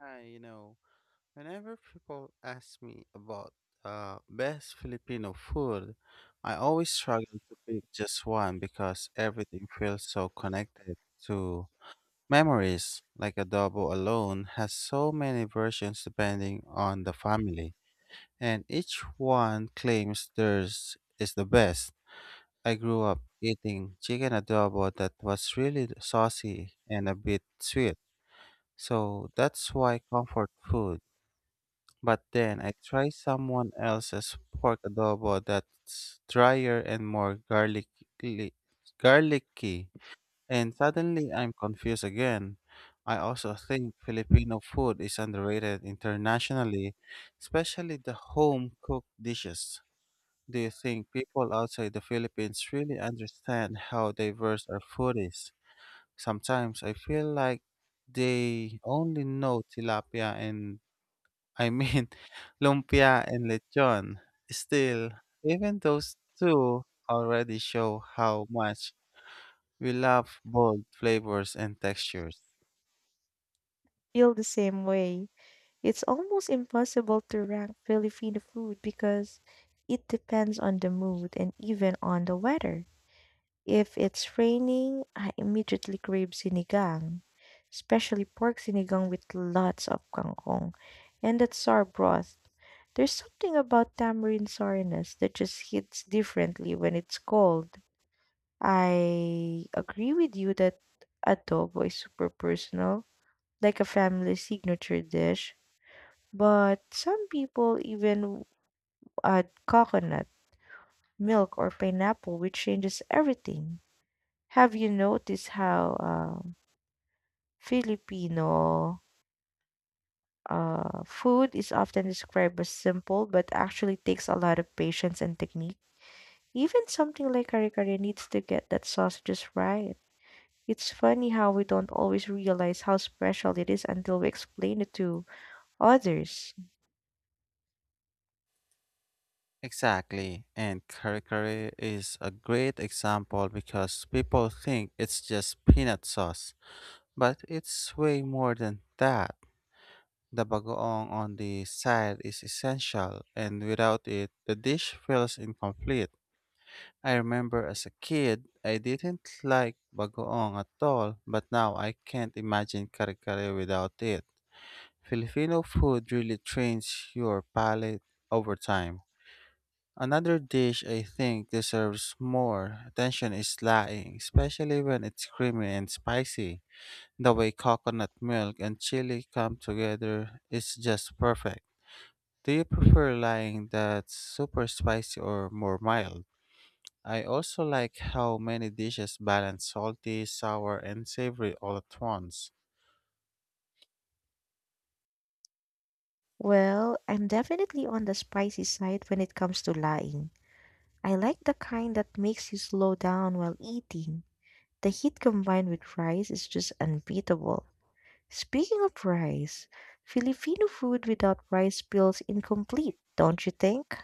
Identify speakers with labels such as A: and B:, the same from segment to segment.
A: Hi, whenever people ask me about best Filipino food, I always struggle to pick just one because everything feels so connected to memories. Like adobo alone has so many versions depending on the family, and each one claims theirs is the best. I grew up eating chicken adobo that was really saucy and a bit sweet, so that's why comfort food but then I try someone else's pork adobo that's drier and more garlicky, garlicky, and suddenly I'm confused again. I also think Filipino food is underrated internationally, especially the home cooked dishes. Do you think people outside the Philippines really understand how diverse our food is? Sometimes I feel like they only know tilapia and I mean, lumpia and lechon. Still, even those two already show how much we love bold flavors and textures.
B: Feel the same way. It's almost impossible to rank Filipino food because it depends on the mood and even on the weather. If it's raining, I immediately crave sinigang, especially pork sinigang with lots of kangkong and that sour broth. There's something about tamarind sourness that just hits differently when it's cold. I agree with you that adobo is super personal, like a family signature dish. But some people even add coconut, milk, or pineapple, which changes everything. Have you noticed how Filipino food is often described as simple, but actually takes a lot of patience and technique? Even something like kare-kare needs to get that sauce just right. It's funny how we don't always realize how special it is until we explain it to others.
A: Exactly, and curry is a great example because people think it's just peanut sauce, but it's way more than that. The bagoong on the side is essential, and without it, the dish feels incomplete. I remember as a kid, I didn't like bagoong at all, but now I can't imagine kare-kare without it. Filipino food really trains your palate over time. Another dish I think deserves more attention is laing, especially when it's creamy and spicy. The way coconut milk and chili come together is just perfect. Do you prefer laing that's super spicy or more mild? I also like how many dishes balance salty, sour, and savory all at once.
B: Well, I'm definitely on the spicy side when it comes to lying. I like the kind that makes you slow down while eating. The heat combined with rice is just unbeatable. Speaking of rice, Filipino food without rice feels incomplete, don't you think?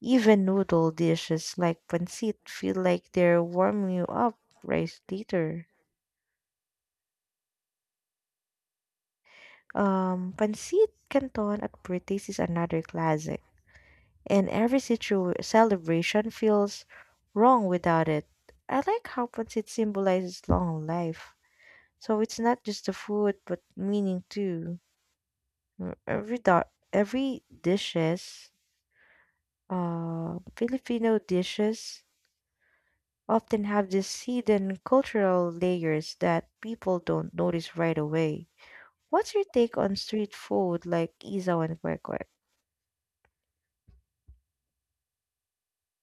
B: Even noodle dishes like pancit feel like they're warming you up right later. Pancit canton at British is another classic, and every celebration feels wrong without it. I like how pancit symbolizes long life, so it's not just the food, but meaning too. Every dishes, Filipino dishes often have these hidden cultural layers that people don't notice right away. What's your take on street food like isaw and kwek kwek?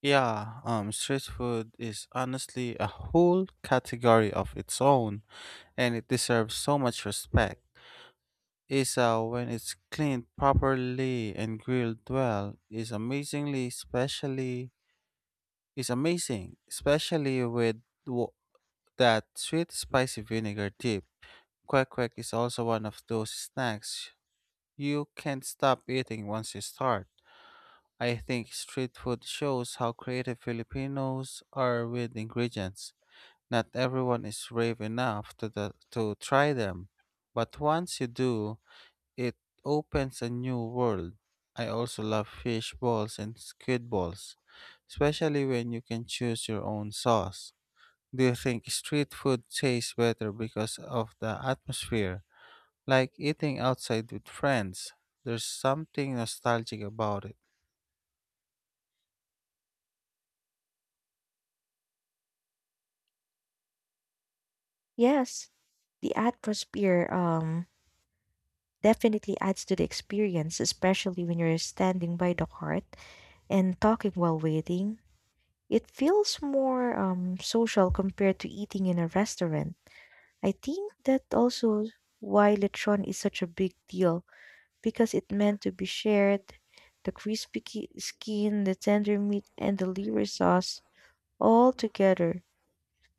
A: Yeah, street food is honestly a whole category of its own, and it deserves so much respect. Isa, when it's cleaned properly and grilled well, is amazingly especially is amazing, especially with wo- that sweet spicy vinegar dip. Kwek kwek is also one of those snacks. You can't stop eating once you start. I think street food shows how creative Filipinos are with ingredients. Not everyone is brave enough to try them, but once you do, it opens a new world. I also love fish balls and squid balls, especially when you can choose your own sauce. Do you think street food tastes better because of the atmosphere? Like eating outside with friends. There's something nostalgic about it.
B: Yes, the atmosphere definitely adds to the experience, especially when you're standing by the cart and talking while waiting. It feels more social compared to eating in a restaurant. I think that also why lechon is such a big deal because it meant to be shared. The crispy skin, the tender meat, and the liver sauce all together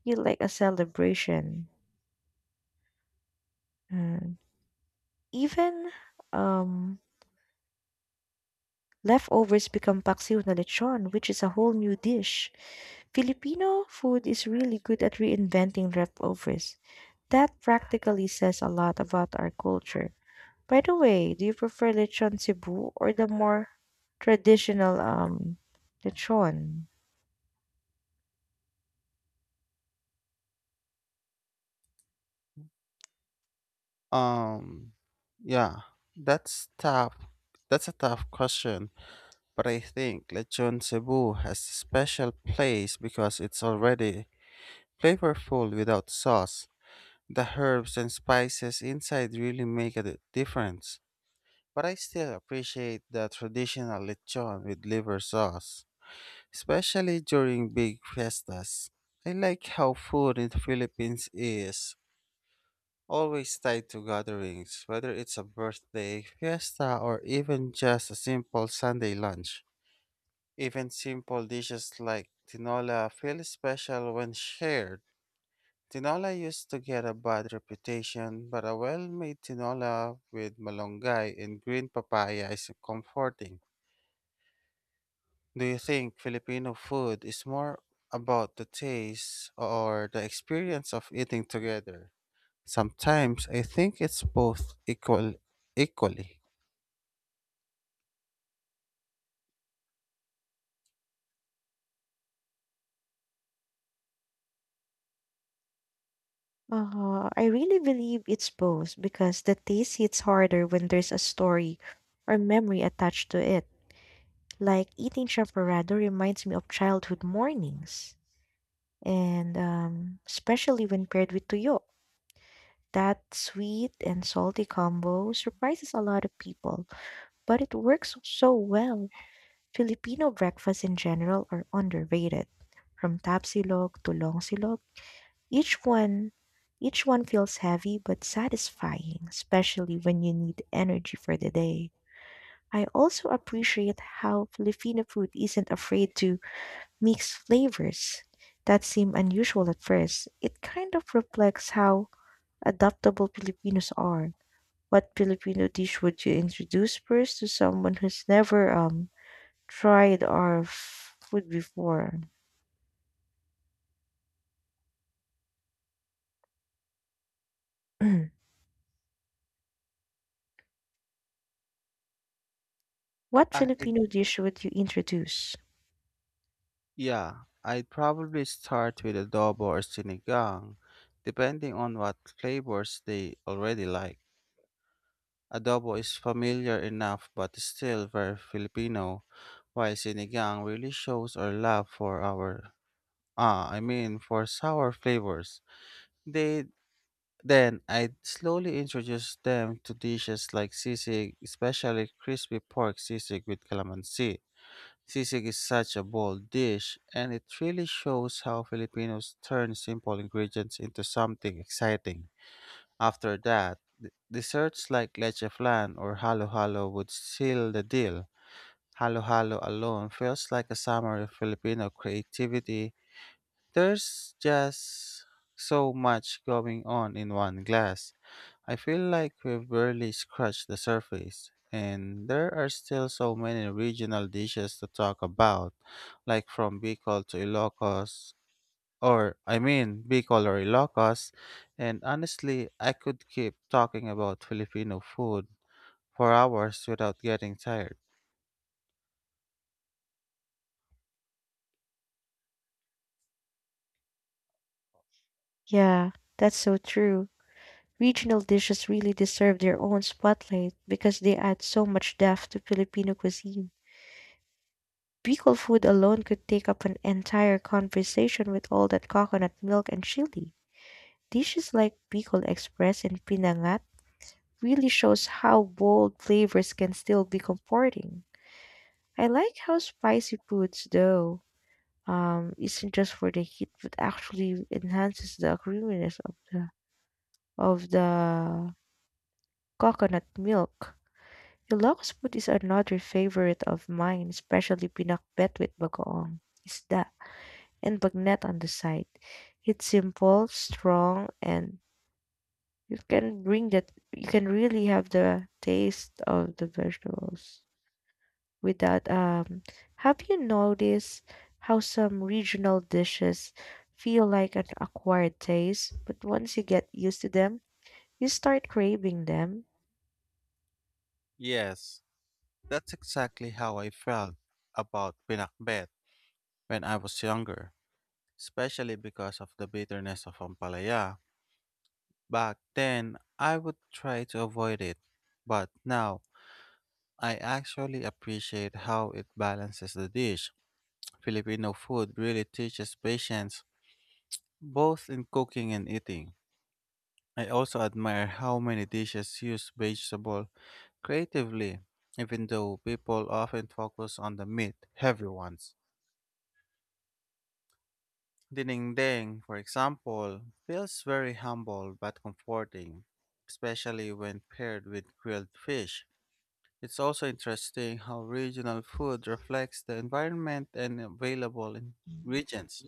B: feel like a celebration. And even um, leftovers become paksiw na lechon, which is a whole new dish. Filipino food is really good at reinventing leftovers. That practically says a lot about our culture. By the way, do you prefer lechon Cebu or the more traditional lechon?
A: Um, yeah, that's tough. That's a tough question, but I think Lechon Cebu has a special place because it's already flavorful without sauce. The herbs and spices inside really make a difference. But I still appreciate the traditional lechon with liver sauce, especially during big fiestas. I like how food in the Philippines is always tied to gatherings, whether it's a birthday, fiesta, or even just a simple Sunday lunch. Even simple dishes like tinola feel special when shared. Tinola used to get a bad reputation, but a well made tinola with malunggay and green papaya is comforting. Do you think Filipino food is more about the taste or the experience of eating together? Sometimes I think it's both equally.
B: I really believe it's both because the taste hits harder when there's a story or memory attached to it. Like eating chaparrado reminds me of childhood mornings, and especially when paired with tuyo. That sweet and salty combo surprises a lot of people, but it works so well. Filipino breakfasts in general are underrated. From tapsilog to longsilog, each one each one feels heavy but satisfying, especially when you need energy for the day. I also appreciate how Filipino food isn't afraid to mix flavors that seem unusual at first. It kind of reflects how adaptable Filipinos are. What Filipino dish would you introduce first to someone who's never tried our food before? What
A: I
B: Filipino dish would you introduce?
A: yeah, I'd probably start with adobo or sinigang, depending on what flavors they already like. Adobo is familiar enough but still very Filipino, while sinigang really shows our love for our for sour flavors. They Then I'd slowly introduce them to dishes like sisig, especially crispy pork sisig with calamansi. Sisig is such a bold dish, and it really shows how Filipinos turn simple ingredients into something exciting. After that, desserts like leche flan or halo-halo would seal the deal. Halo-halo alone feels like a summary of Filipino creativity. There's just so much going on in one glass. I feel like we've barely scratched the surface, and there are still so many regional dishes to talk about, like from Bicol or Ilocos, and honestly, I could keep talking about Filipino food for hours without getting tired.
B: Yeah, that's so true. Regional dishes really deserve their own spotlight because they add so much depth to Filipino cuisine. Bicol food alone could take up an entire conversation with all that coconut milk and chili. Dishes like Bicol Express and Pinangat really shows how bold flavors can still be comforting. I like how spicy foods, though, isn't just for the heat, but actually enhances the creaminess of the coconut milk. Ilocos food is another favorite of mine, especially pinakbet with bagoong isda and bagnet on the side. It's simple, strong, and you can bring that. You can really have the taste of the vegetables. With that, have you noticed how some regional dishes feel like an acquired taste, but once you get used to them, you start craving them?
A: Yes, that's exactly how I felt about pinakbet when I was younger, especially because of the bitterness of ampalaya. Back then, I would try to avoid it, but now I actually appreciate how it balances the dish. Filipino food really teaches patience, both in cooking and eating. I also admire how many dishes use vegetable creatively, even though people often focus on the meat heavy ones. Dinengdeng, for example, feels very humble but comforting, especially when paired with grilled fish. It's also interesting how regional food reflects the environment and available ingredients.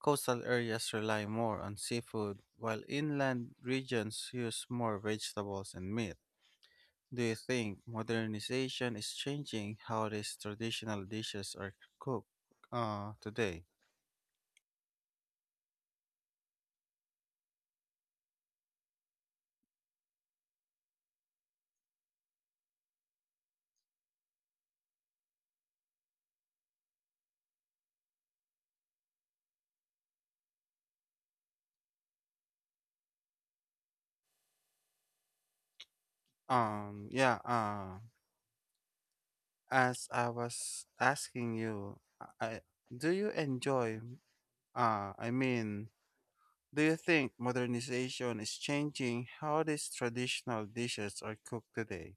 A: Coastal areas rely more on seafood, while inland regions use more vegetables and meat. Do you think modernization is changing how these traditional dishes are cooked today? Yeah, as I was asking you, I, do you enjoy, I mean, Do you think modernization is changing how these traditional dishes are cooked today?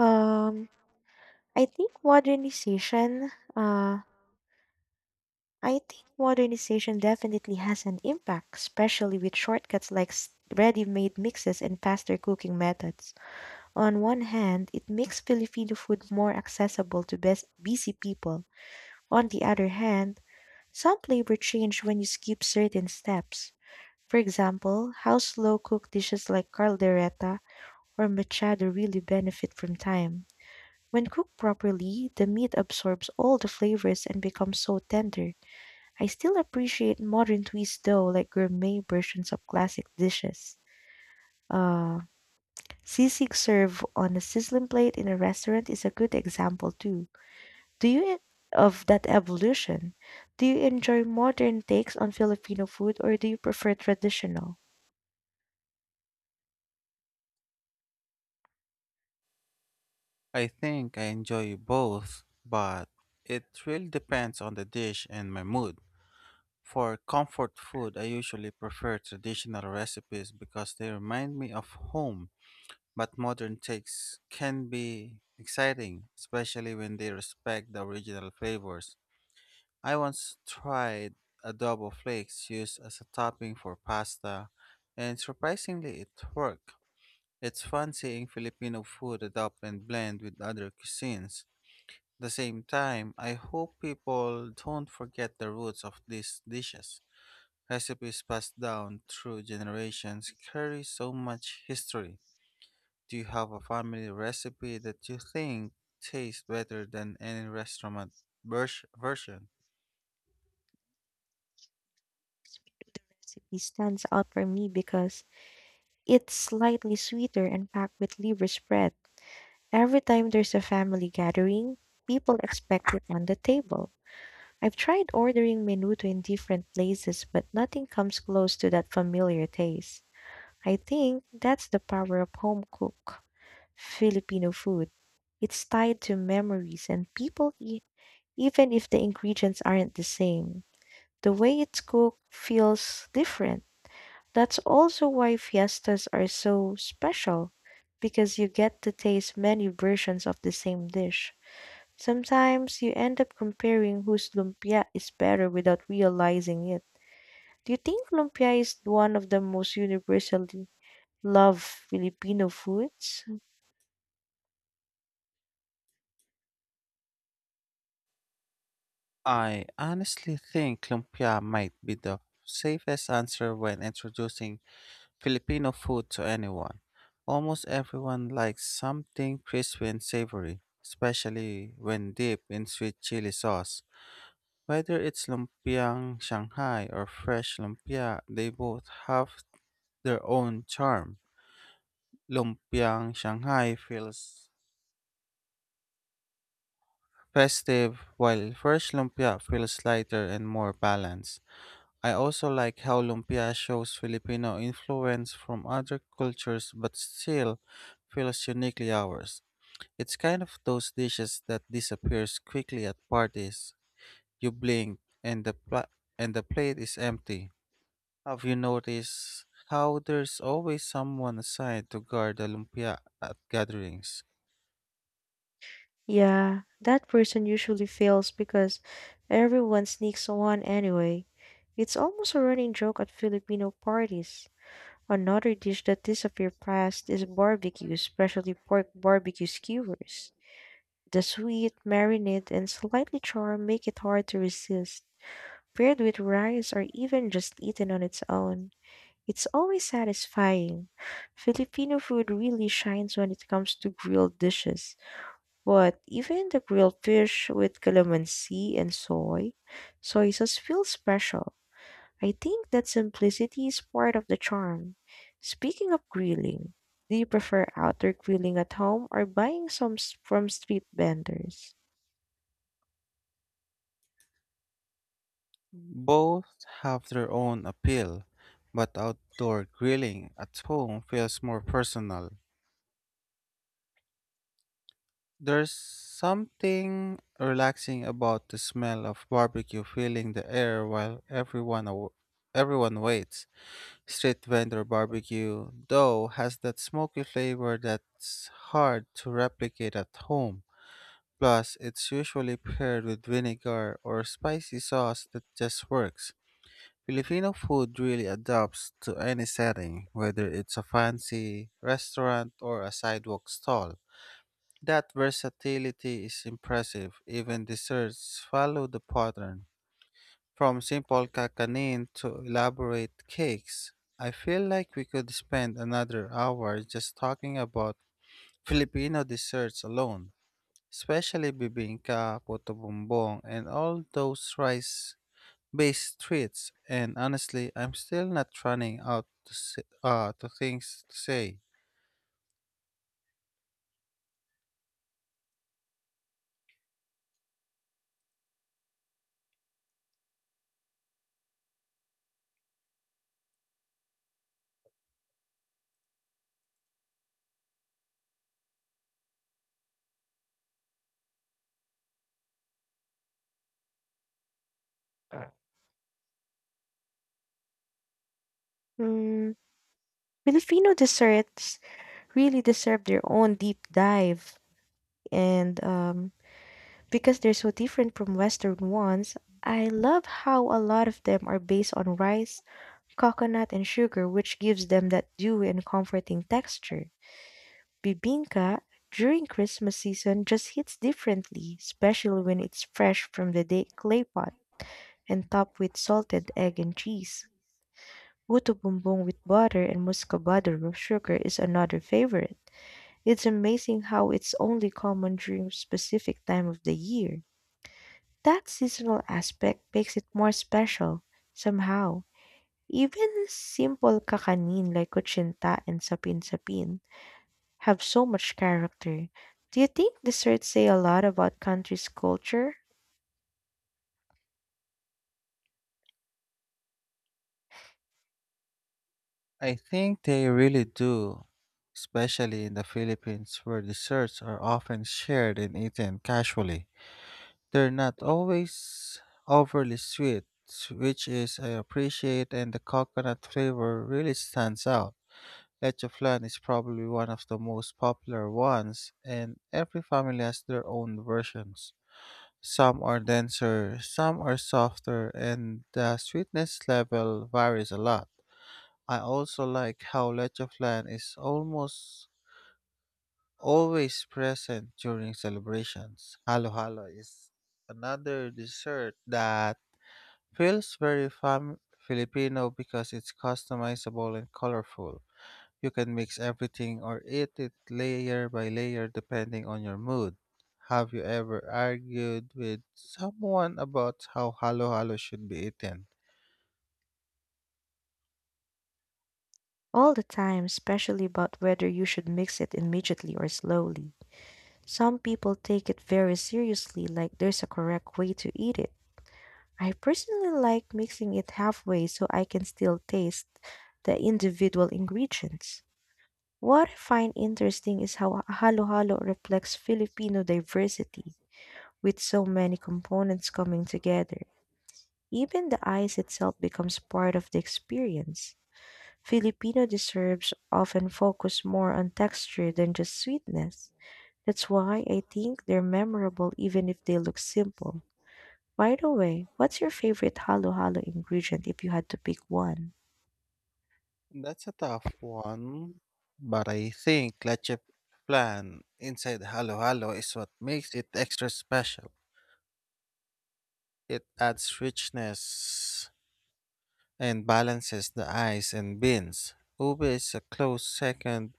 B: Um, I think modernization, uh, I think modernization definitely has an impact, especially with shortcuts like ready-made mixes and faster cooking methods. On one hand, it makes Filipino food more accessible to best busy people. On the other hand, some flavor change when you skip certain steps. For example, how slow cooked dishes like caldereta or machado really benefit from time. When cooked properly, the meat absorbs all the flavors and becomes so tender. I still appreciate modern twists though, like gourmet versions of classic dishes. Uh, Sisig served on a sizzling plate in a restaurant is a good example too. Do you of that evolution? Do you enjoy modern takes on Filipino food or do you prefer traditional?
A: I think I enjoy both, but it really depends on the dish and my mood. For comfort food, I usually prefer traditional recipes because they remind me of home, but modern takes can be exciting, especially when they respect the original flavors. I once tried adobo flakes used as a topping for pasta, and surprisingly, it worked. It's fun seeing Filipino food adopt and blend with other cuisines. At the same time, I hope people don't forget the roots of these dishes. Recipes passed down through generations carry so much history. Do you have a family recipe that you think tastes better than any restaurant version?
B: The recipe stands out for me because it's slightly sweeter and packed with liver spread. Every time there's a family gathering, people expect it on the table. I've tried ordering menudo in different places, but nothing comes close to that familiar taste. I think that's the power of home cook. Filipino food. It's tied to memories and people, even if the ingredients aren't the same. The way it's cooked feels different. That's also why fiestas are so special, because you get to taste many versions of the same dish. Sometimes you end up comparing whose lumpia is better without realizing it. Do you think lumpia is one of the most universally loved Filipino foods?
A: I honestly think lumpia might be the safest answer when introducing Filipino food to anyone. Almost everyone likes something crispy and savory, especially when dipped in sweet chili sauce. Whether it's lumpiang Shanghai or fresh lumpia, they both have their own charm. Lumpiang Shanghai feels festive, while fresh lumpia feels lighter and more balanced. I also like how lumpia shows Filipino influence from other cultures but still feels uniquely ours. It's kind of those dishes that disappears quickly at parties. You blink and and the plate is empty. Have you noticed how there's always someone assigned to guard the lumpia at gatherings?
B: Yeah, that person usually fails because everyone sneaks one anyway. It's almost a running joke at Filipino parties. Another dish that disappeared fast is barbecue, especially pork barbecue skewers. The sweet, marinade, and slightly char make it hard to resist. Paired with rice or even just eaten on its own, it's always satisfying. Filipino food really shines when it comes to grilled dishes. But even the grilled fish with calamansi and soy sauce feels special. I think that simplicity is part of the charm. Speaking of grilling, do you prefer outdoor grilling at home or buying some from street vendors?
A: Both have their own appeal, but outdoor grilling at home feels more personal. There's something relaxing about the smell of barbecue filling the air while everyone waits. Street vendor barbecue, though, has that smoky flavor that's hard to replicate at home. Plus, it's usually paired with vinegar or spicy sauce that just works. Filipino food really adapts to any setting, whether it's a fancy restaurant or a sidewalk stall. That versatility is impressive. Even desserts follow the pattern, from simple kakanin to elaborate cakes. I feel like we could spend another hour just talking about Filipino desserts alone, especially bibingka, puto bumbong, and all those rice-based treats. And honestly, I'm still not running out to things to say.
B: Mm, Filipino desserts really deserve their own deep dive. And because they're so different from Western ones, I love how a lot of them are based on rice coconut and sugar, which gives them that dewy and comforting texture. Bibingka during Christmas season just hits differently, especially when it's fresh from the day clay pot and topped with salted egg and cheese. Puto bumbong with butter and muscovado with sugar is another favorite. It's amazing how it's only common during specific time of the year. That seasonal aspect makes it more special somehow. Even simple kakanin like kutsinta and sapin-sapin have so much character. Do you think desserts say a lot about country's culture?
A: I think they really do, especially in the Philippines where desserts are often shared and eaten casually. They're not always overly sweet, which is I appreciate, and the coconut flavor really stands out. Leche flan is probably one of the most popular ones, and every family has their own versions. Some are denser, some are softer, and the sweetness level varies a lot. I also like how leche flan is almost always present during celebrations. Halo halo is another dessert that feels very Filipino because it's customizable and colorful. You can mix everything or eat it layer by layer depending on your mood. Have you ever argued with someone about how halo halo should be eaten?
B: All the time, especially about whether you should mix it immediately or slowly. Some people take it very seriously, like there's a correct way to eat it. I personally like mixing it halfway so I can still taste the individual ingredients. What I find interesting is how halo-halo reflects Filipino diversity, with so many components coming together. Even the ice itself becomes part of the experience. Filipino desserts often focus more on texture than just sweetness. That's why I think they're memorable even if they look simple. By the way, what's your favorite halo halo ingredient if you had to pick one?
A: That's a tough one, but I think leche plan inside halo halo is what makes it extra special. It adds richness and balances the eyes and beans. Ube is a close second,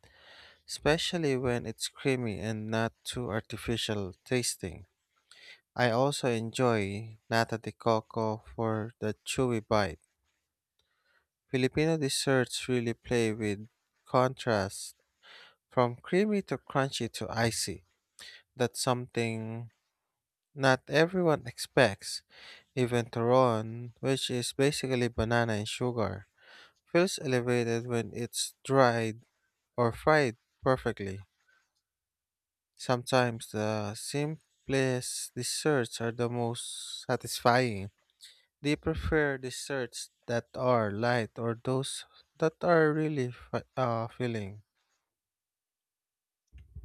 A: especially when it's creamy and not too artificial tasting. I also enjoy nata de coco for the chewy bite. Filipino desserts really play with contrast from creamy to crunchy to icy. That's something not everyone expects. Even Toron, which is basically banana and sugar, feels elevated when it's dried or fried perfectly. Sometimes the simplest desserts are the most satisfying. Do you prefer desserts that are light or those that are really filling?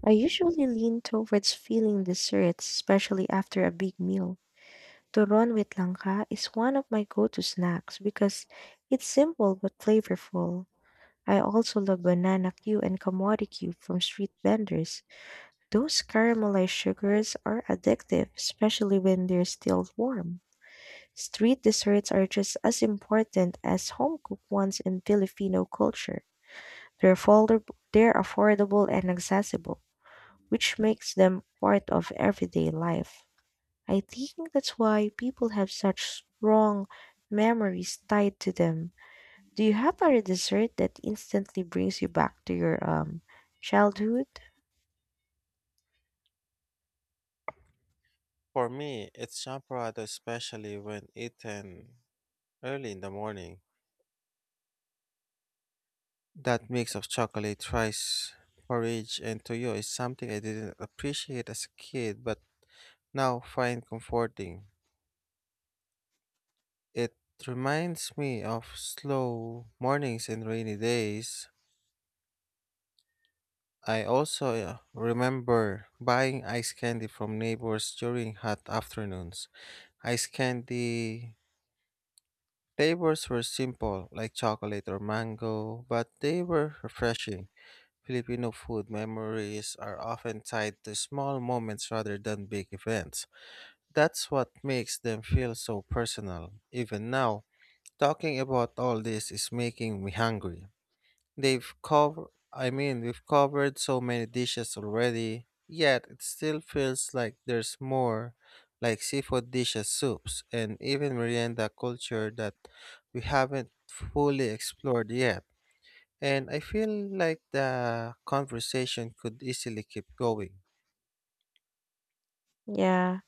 B: I usually lean towards filling desserts, especially after a big meal. Turon with langka is one of my go-to snacks because it's simple but flavorful. I also love banana Q and kamori Q from street vendors. Those caramelized sugars are addictive, especially when they're still warm. Street desserts are just as important as home cooked ones in Filipino culture. They're affordable and accessible, which makes them part of everyday life. I think that's why people have such strong memories tied to them. Do you have a dessert that instantly brings you back to your childhood?
A: For me, it's champurrado, especially when eaten early in the morning. That mix of chocolate, rice, porridge, and toyo is something I didn't appreciate as a kid but now find comforting. It reminds me of slow mornings and rainy days. I also remember buying ice candy from neighbors during hot afternoons. Ice candy flavors were simple, like chocolate or mango, but they were refreshing. Filipino food memories are often tied to small moments rather than big events. That's what makes them feel so personal. Even now, talking about all this is making me hungry. They've covered, I mean, we've covered so many dishes already, yet it still feels like there's more, like seafood dishes, soups, and even merienda culture that we haven't fully explored yet. And I feel like the conversation could easily keep going.
B: Yeah.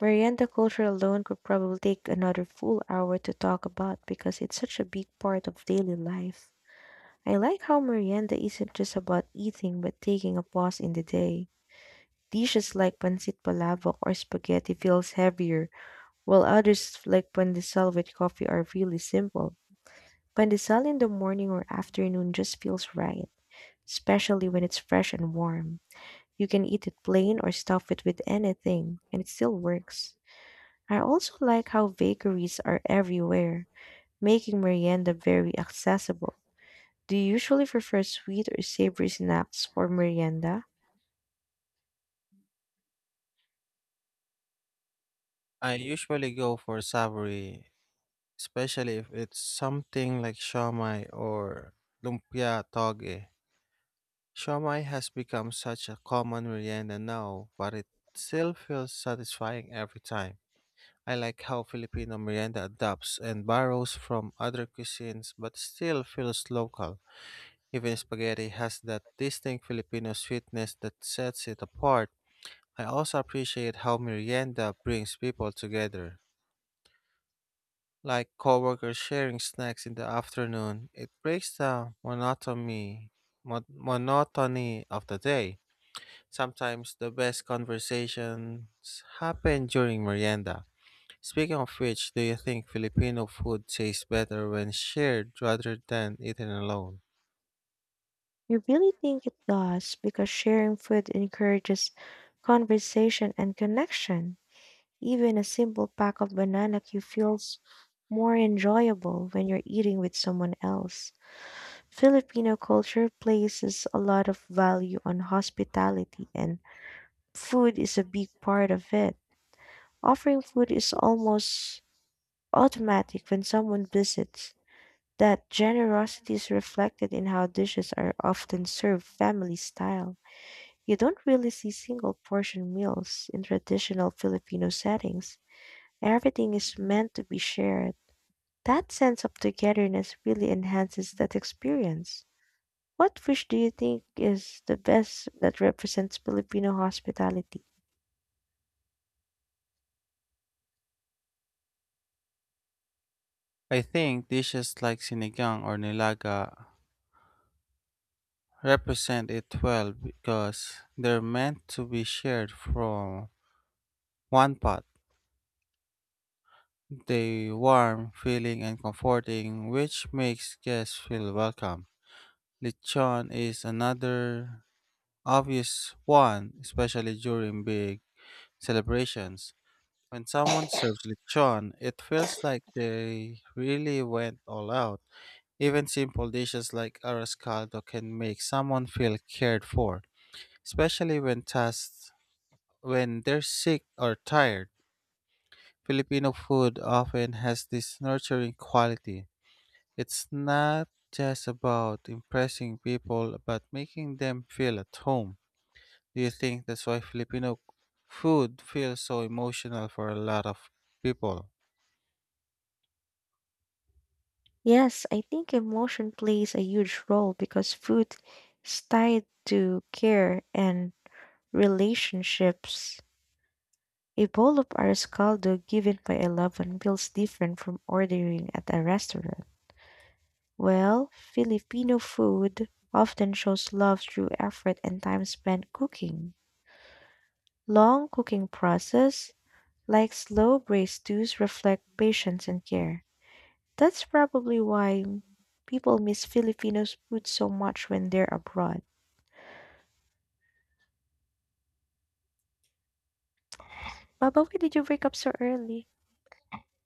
B: Merienda culture alone could probably take another full hour to talk about because it's such a big part of daily life. I like how merienda isn't just about eating but taking a pause in the day. Dishes like pancit palabok or spaghetti feels heavier, while others like pandesal with coffee are really simple. Pandesal in the morning or afternoon just feels right, especially when it's fresh and warm. You can eat it plain or stuff it with anything, and it still works. I also like how bakeries are everywhere, making merienda very accessible. Do you usually prefer sweet or savory snacks for merienda?
A: I usually go for savory, especially if it's something like shawmai or lumpia toge. Shawmai has become such a common merienda now, but it still feels satisfying every time. I like how Filipino merienda adapts and borrows from other cuisines but still feels local. Even spaghetti has that distinct Filipino sweetness that sets it apart. I also appreciate how merienda brings people together. Like coworkers sharing snacks in the afternoon, it breaks the monotony, monotony of the day. Sometimes the best conversations happen during merienda. Speaking of which, do you think Filipino food tastes better when shared rather than eaten alone?
B: I really think it does because sharing food encourages conversation and connection. Even a simple pack of banana Q feels more enjoyable when you're eating with someone else. Filipino culture places a lot of value on hospitality, and food is a big part of it. Offering food is almost automatic when someone visits. That generosity is reflected in how dishes are often served family style. You don't really see single portion meals in traditional Filipino settings. Everything is meant to be shared. That sense of togetherness really enhances that experience. What fish do you think is the best that represents Filipino hospitality?
A: I think dishes like sinigang or nilaga represent it well because they're meant to be shared from one pot. They warm, filling, and comforting, which makes guests feel welcome. Lechon is another obvious one, especially during big celebrations. When someone serves lechon, it feels like they really went all out. Even simple dishes like arroz caldo can make someone feel cared for, especially when tasked when they're sick or tired, Filipino food often has this nurturing quality. It's not just about impressing people, but making them feel at home. Do you think that's why Filipino food feels so emotional for a lot of people?
B: Yes, I think emotion plays a huge role because food is tied to care and relationships. A bowl of arroz caldo given by a loved one feels different from ordering at a restaurant. Well, Filipino food often shows love through effort and time spent cooking. Long cooking process, like slow braised stews, reflect patience and care. That's probably why people miss Filipino food so much when they're abroad. Baba, why did you wake up so early?